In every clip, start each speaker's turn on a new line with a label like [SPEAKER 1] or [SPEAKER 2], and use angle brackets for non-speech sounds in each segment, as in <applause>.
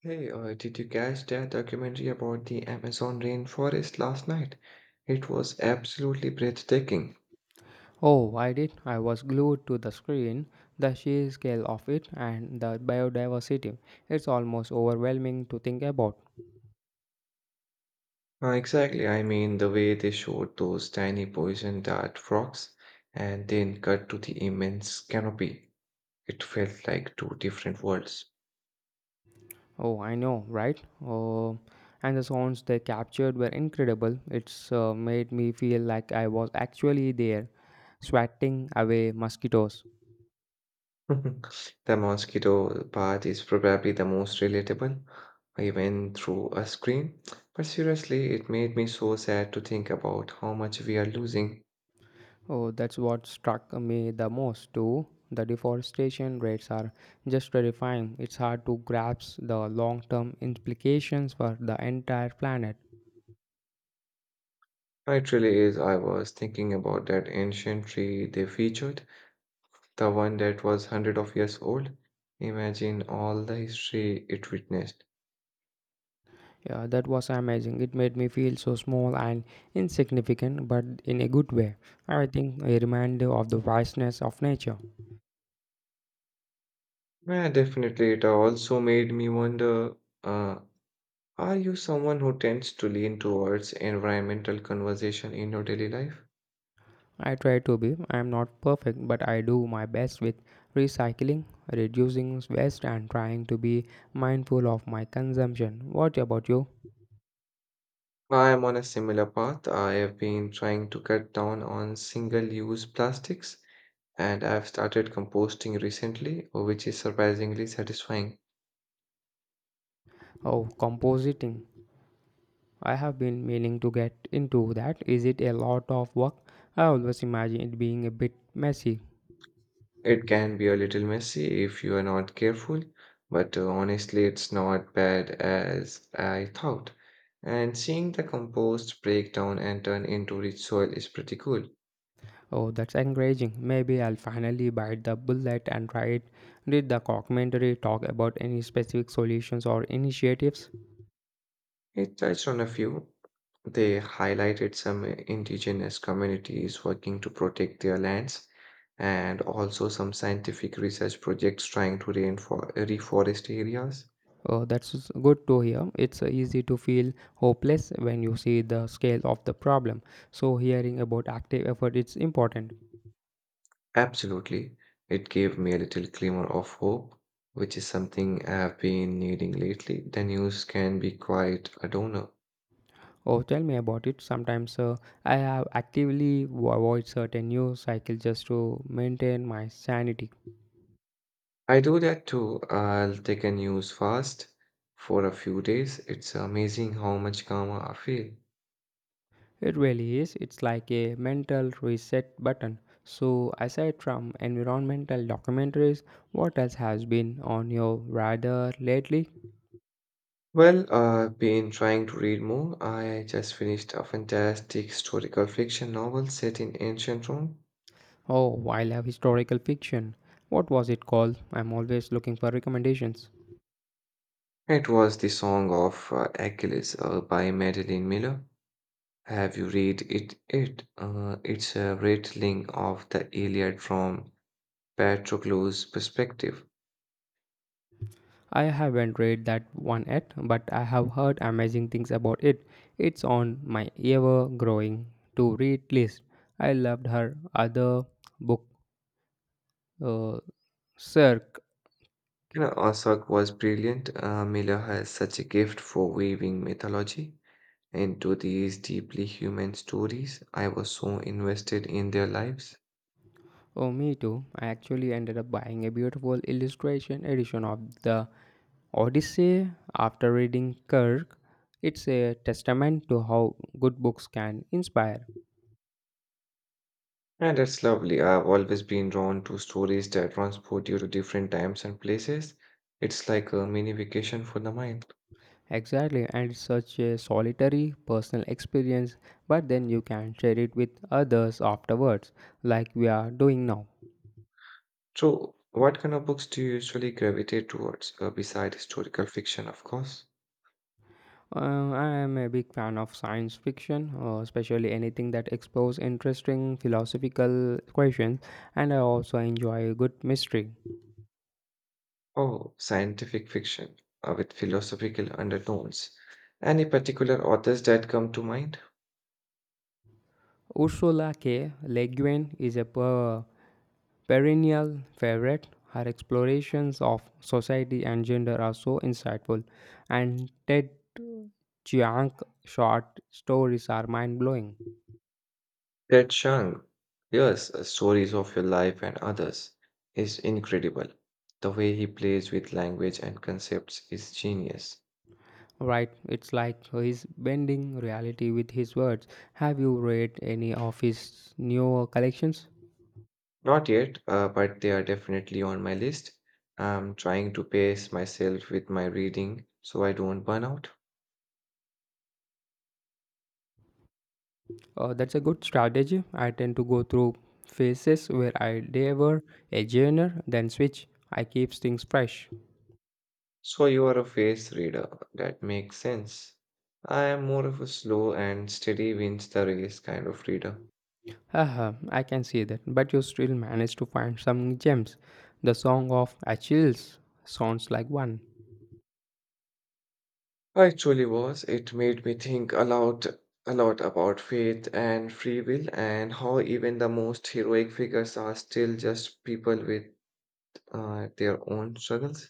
[SPEAKER 1] Hey, did you catch that documentary about the Amazon rainforest last night? It was absolutely breathtaking.
[SPEAKER 2] Oh, I did. I was glued to the screen, the sheer scale of it, and the biodiversity. It's almost overwhelming to think about.
[SPEAKER 1] Exactly, I mean, the way they showed those tiny poison dart frogs and then cut to the immense canopy. It felt like two different worlds.
[SPEAKER 2] Oh, I know, right? Oh, and the sounds they captured were incredible. It's made me feel like I was actually there, swatting away mosquitoes.
[SPEAKER 1] <laughs> The mosquito part is probably the most relatable, even through a screen. But seriously, it made me so sad to think about how much we are losing.
[SPEAKER 2] Oh, that's what struck me the most, too. The deforestation rates are just terrifying. It's hard to grasp the long term implications for the entire planet.
[SPEAKER 1] It really is. I was thinking about that ancient tree they featured, the one that was hundred of years old. Imagine all the history it witnessed.
[SPEAKER 2] Yeah, that was amazing. It made me feel so small and insignificant, but in a good way. I think a reminder of the vastness of nature.
[SPEAKER 1] Yeah, definitely. It also made me wonder, uh, are you someone who tends to lean towards environmental conversation in your daily life?
[SPEAKER 2] I try to be. I am not perfect, but I do my best with recycling, reducing waste, and trying to be mindful of my consumption. What about you?
[SPEAKER 1] I am on a similar path. I have been trying to cut down on single-use plastics, and I've started composting recently, which is surprisingly satisfying.
[SPEAKER 2] Oh, compositing. I have been meaning to get into that. Is it a lot of work? I always imagine it being a bit messy.
[SPEAKER 1] It can be a little messy if you are not careful, but honestly, it's not bad as I thought. And seeing the compost break down and turn into rich soil is pretty cool.
[SPEAKER 2] Oh, that's encouraging. Maybe I'll finally bite the bullet and try it. Did the documentary talk about any specific solutions or initiatives?
[SPEAKER 1] It touched on a few. They highlighted some indigenous communities working to protect their lands and also some scientific research projects trying to reforest areas.
[SPEAKER 2] Oh, that's good to hear. It's easy to feel hopeless when you see the scale of the problem. So, hearing about active effort is important.
[SPEAKER 1] Absolutely. It gave me a little glimmer of hope, which is something I have been needing lately. The news can be quite a downer.
[SPEAKER 2] Oh, tell me about it. Sometimes I have actively avoid certain news cycles just to maintain my sanity.
[SPEAKER 1] I do that too. I'll take a news fast for a few days. It's amazing how much calmer I feel.
[SPEAKER 2] It really is. It's like a mental reset button. So, aside from environmental documentaries, what else has been on your radar lately?
[SPEAKER 1] Well, I've been trying to read more. I just finished a fantastic historical fiction novel set in ancient Rome.
[SPEAKER 2] Oh, I love historical fiction. What was it called? I'm always looking for recommendations.
[SPEAKER 1] It was The Song of Achilles by Madeline Miller. Have you read it? It's a retelling of the Iliad from Patroclus' perspective.
[SPEAKER 2] I haven't read that one yet, but I have heard amazing things about it. It's on my ever growing to read list. I loved her other book, uh, Cirque.
[SPEAKER 1] You know, Osok was brilliant. Miller has such a gift for weaving mythology into these deeply human stories. I was so invested in their lives,
[SPEAKER 2] Oh, me too. I actually ended up buying a beautiful illustration edition of the Odyssey after reading Kirk. It's a testament to how good books can inspire.
[SPEAKER 1] and it's lovely. I've always been drawn to stories that transport you to different times and places. It's like a mini vacation for the mind.
[SPEAKER 2] Exactly, and it's such a solitary personal experience, but then you can share it with others afterwards, like we are doing now.
[SPEAKER 1] So, what kind of books do you usually gravitate towards, beside historical fiction, of course?
[SPEAKER 2] I am a big fan of science fiction, especially anything that explores interesting philosophical questions, and I also enjoy a good mystery.
[SPEAKER 1] Oh, scientific fiction, with philosophical undertones. Any particular authors that come to mind?
[SPEAKER 2] Ursula K. Le Guin is a perennial favorite. Her explorations of society and gender are so insightful, and Ted Chiang short stories are mind blowing.
[SPEAKER 1] Ted Chiang. Yes, stories of your life and others is incredible. The way he plays with language and concepts is genius.
[SPEAKER 2] Right, it's like he's bending reality with his words. Have you read any of his new collections?
[SPEAKER 1] Not yet, but they are definitely on my list. I'm trying to pace myself with my reading so I don't burn out.
[SPEAKER 2] That's a good strategy. I tend to go through phases where I devour a genre, then switch. I keep things fresh.
[SPEAKER 1] So you are a face reader. That makes sense. I am more of a slow and steady wins the race kind of reader.
[SPEAKER 2] Haha, I can see that. But you still managed to find some gems. The Song of Achilles sounds like one.
[SPEAKER 1] I truly was. It made me think a lot about faith and free will and how even the most heroic figures are still just people with their own struggles.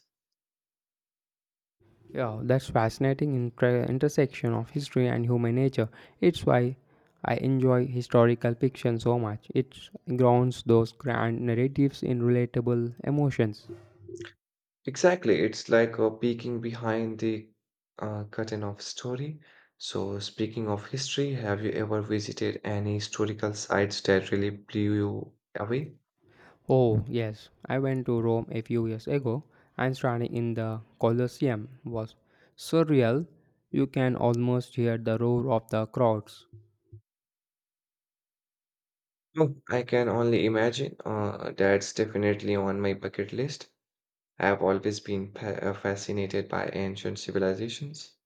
[SPEAKER 2] Yeah, that's fascinating intersection of history and human nature. It's why I enjoy historical fiction so much. It grounds those grand narratives in relatable emotions.
[SPEAKER 1] Exactly. It's like peeking behind the curtain of story. So, speaking of history, have you ever visited any historical sites that really blew you away?
[SPEAKER 2] Oh, yes, I went to Rome a few years ago and standing in the Colosseum was surreal. You can almost hear the roar of the crowds.
[SPEAKER 1] No, I can only imagine. That's definitely on my bucket list. I've always been fascinated by ancient civilizations.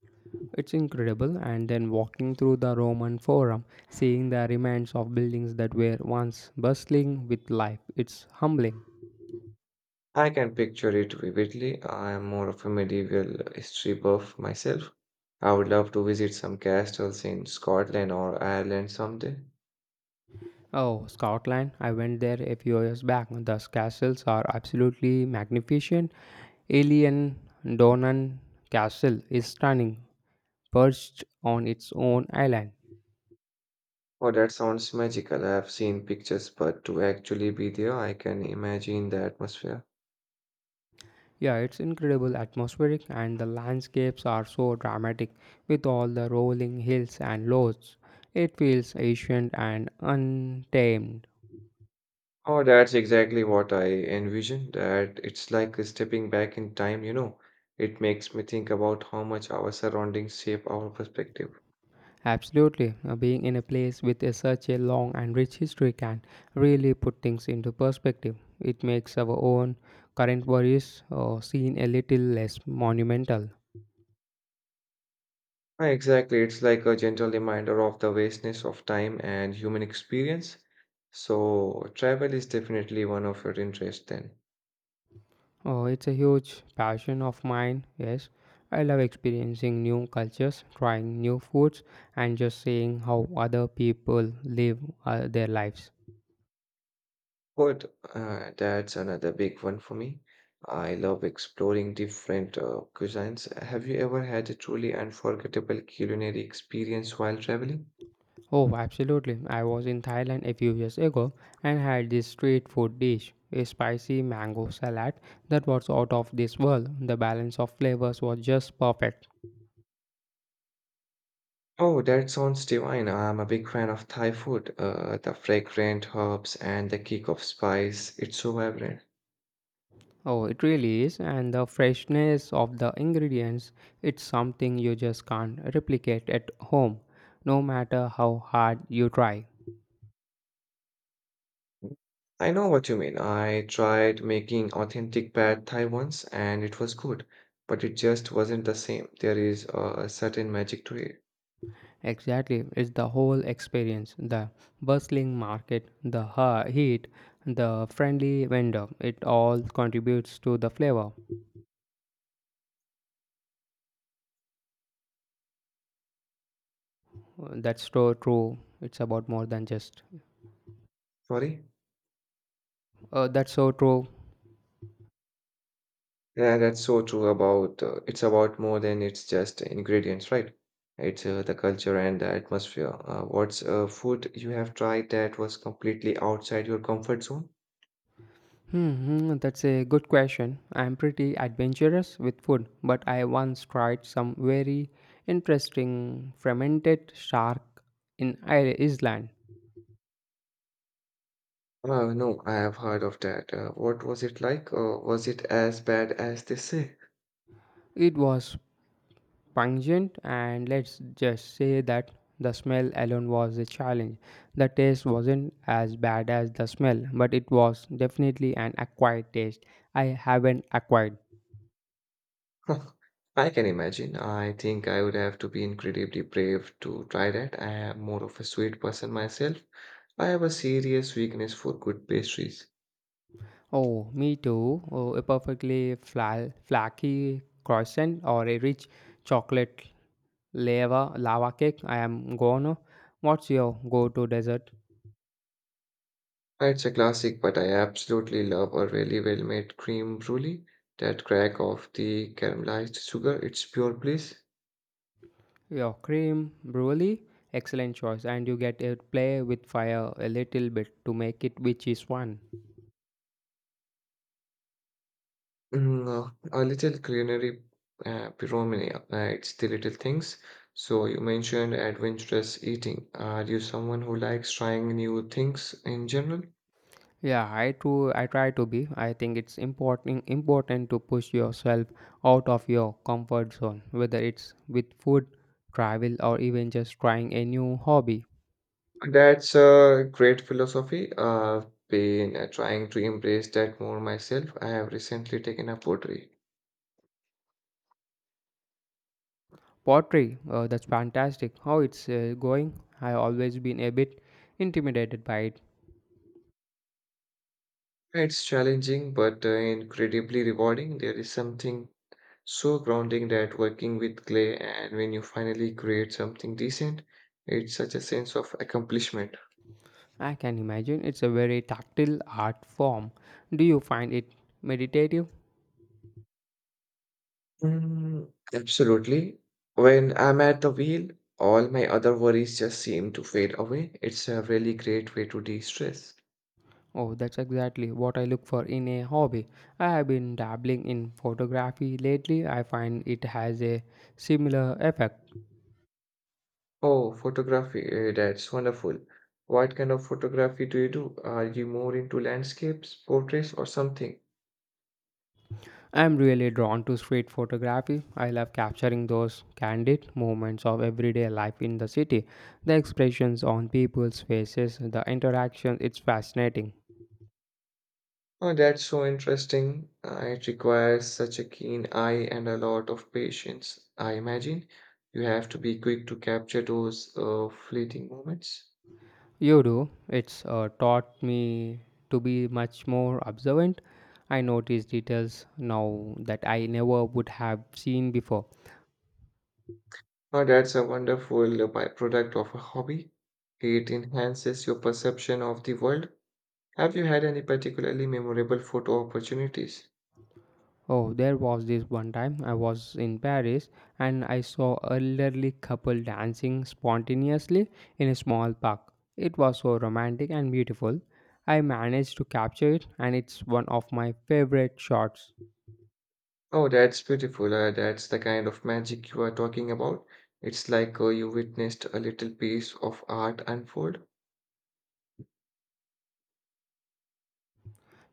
[SPEAKER 2] It's incredible, and then walking through the Roman Forum, seeing the remains of buildings that were once bustling with life, it's humbling.
[SPEAKER 1] I can picture it vividly. I am more of a medieval history buff myself. I would love to visit some castles in Scotland or Ireland someday.
[SPEAKER 2] Oh, Scotland, I went there a few years back. The castles are absolutely magnificent. Alien Donan Castle is stunning, perched on its own island.
[SPEAKER 1] Oh, that sounds magical. I have seen pictures, but to actually be there, I can imagine the atmosphere.
[SPEAKER 2] Yeah, it's incredible atmospheric and the landscapes are so dramatic with all the rolling hills and loads. It feels ancient and untamed.
[SPEAKER 1] Oh, that's exactly what I envision, that it's like stepping back in time, you know. It makes me think about how much our surroundings shape our perspective.
[SPEAKER 2] Absolutely, being in a place with a, such a long and rich history can really put things into perspective. It makes our own current worries seem a little less monumental.
[SPEAKER 1] Ah, exactly, it's like a gentle reminder of the vastness of time and human experience. So, travel is definitely one of your interests then.
[SPEAKER 2] Oh, it's a huge passion of mine. Yes, I love experiencing new cultures, trying new foods, and just seeing how other people live their lives.
[SPEAKER 1] Food, that's another big one for me. I love exploring different cuisines. Have you ever had a truly unforgettable culinary experience while traveling?
[SPEAKER 2] Oh, absolutely. I was in Thailand a few years ago and had this street food dish, a spicy mango salad that was out of this world. The balance of flavors was just perfect.
[SPEAKER 1] Oh, that sounds divine. I'm a big fan of Thai food. The fragrant herbs and the kick of spice, it's so vibrant.
[SPEAKER 2] Oh, it really is, and the freshness of the ingredients, it's something you just can't replicate at home, no matter how hard you try.
[SPEAKER 1] I know what you mean. I tried making authentic pad Thai once and it was good, but it just wasn't the same. There is a certain magic to it.
[SPEAKER 2] Exactly, it's the whole experience the bustling market, the heat, the friendly vendor. It all contributes to the flavor. That's so true. It's about more than just.
[SPEAKER 1] Sorry?
[SPEAKER 2] That's so true.
[SPEAKER 1] Yeah, that's so true about it's about more than it's just ingredients, right? It's the culture and the atmosphere. What's food you have tried that was completely outside your comfort zone?
[SPEAKER 2] That's a good question. I'm pretty adventurous with food, but I once tried some very interesting fermented shark in Iceland.
[SPEAKER 1] No, I have heard of that. What was it like? Was it as bad as they say?
[SPEAKER 2] It was pungent, and let's just say that the smell alone was a challenge. The taste wasn't as bad as the smell, but it was definitely an acquired taste I haven't acquired.
[SPEAKER 1] <laughs> I can imagine. I think I would have to be incredibly brave to try that. I am more of a sweet person myself. I have a serious weakness for good pastries.
[SPEAKER 2] Oh, me too. Oh, a perfectly flaky croissant or a rich chocolate lava cake. I am gone. What's your go-to dessert?
[SPEAKER 1] It's a classic, but I absolutely love a really well-made cream brulee. That crack of the caramelized sugar, it's pure bliss.
[SPEAKER 2] Your cream brulee, excellent choice, and you get to play with fire a little bit to make it which is one.
[SPEAKER 1] Mm, a little culinary pyromania, it's the little things. So you mentioned adventurous eating. Are you someone who likes trying new things in general?
[SPEAKER 2] Yeah, I too. I try to be. I think it's important to push yourself out of your comfort zone, whether it's with food, travel, or even just trying a new hobby.
[SPEAKER 1] That's a great philosophy. I've been trying to embrace that more myself. I have recently taken up pottery.
[SPEAKER 2] Pottery, that's fantastic. How it's going? I've always been a bit intimidated by it.
[SPEAKER 1] It's challenging, but incredibly rewarding. There is something so grounding that working with clay, and when you finally create something decent, it's such a sense of accomplishment.
[SPEAKER 2] I can imagine it's a very tactile art form. Do you find it meditative?
[SPEAKER 1] Mm, absolutely. When I'm at the wheel, all my other worries just seem to fade away. It's a really great way to de-stress.
[SPEAKER 2] Oh, that's exactly what I look for in a hobby. I have been dabbling in photography lately. I find it has a similar effect.
[SPEAKER 1] Oh, photography, that's wonderful. What kind of photography do you do? Are you more into landscapes, portraits, or something?
[SPEAKER 2] I'm really drawn to street photography. I love capturing those candid moments of everyday life in the city. The expressions on people's faces, the interactions, it's fascinating.
[SPEAKER 1] Oh, that's so interesting. It requires such a keen eye and a lot of patience. I imagine you have to be quick to capture those fleeting moments.
[SPEAKER 2] You do. It's taught me to be much more observant. I notice details now that I never would have seen before.
[SPEAKER 1] Oh, that's a wonderful byproduct of a hobby. It enhances your perception of the world. Have you had any particularly memorable photo opportunities?
[SPEAKER 2] Oh, there was this one time I was in Paris and I saw elderly couple dancing spontaneously in a small park. It was so romantic and beautiful. I managed to capture it and it's one of my favorite shots.
[SPEAKER 1] Oh, that's beautiful. That's the kind of magic you are talking about. It's like you witnessed a little piece of art unfold.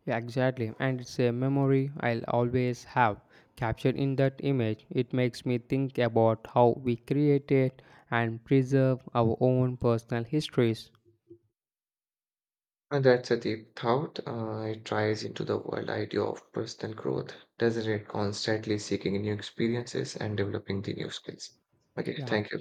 [SPEAKER 2] Yeah, exactly. And it's a memory I'll always have. Captured in that image, it makes me think about how we created and preserve our own personal histories.
[SPEAKER 1] And that's a deep thought. It ties into the world idea of personal growth, doesn't it? Constantly seeking new experiences and developing the new skills. Okay,
[SPEAKER 2] Yeah.
[SPEAKER 1] thank you.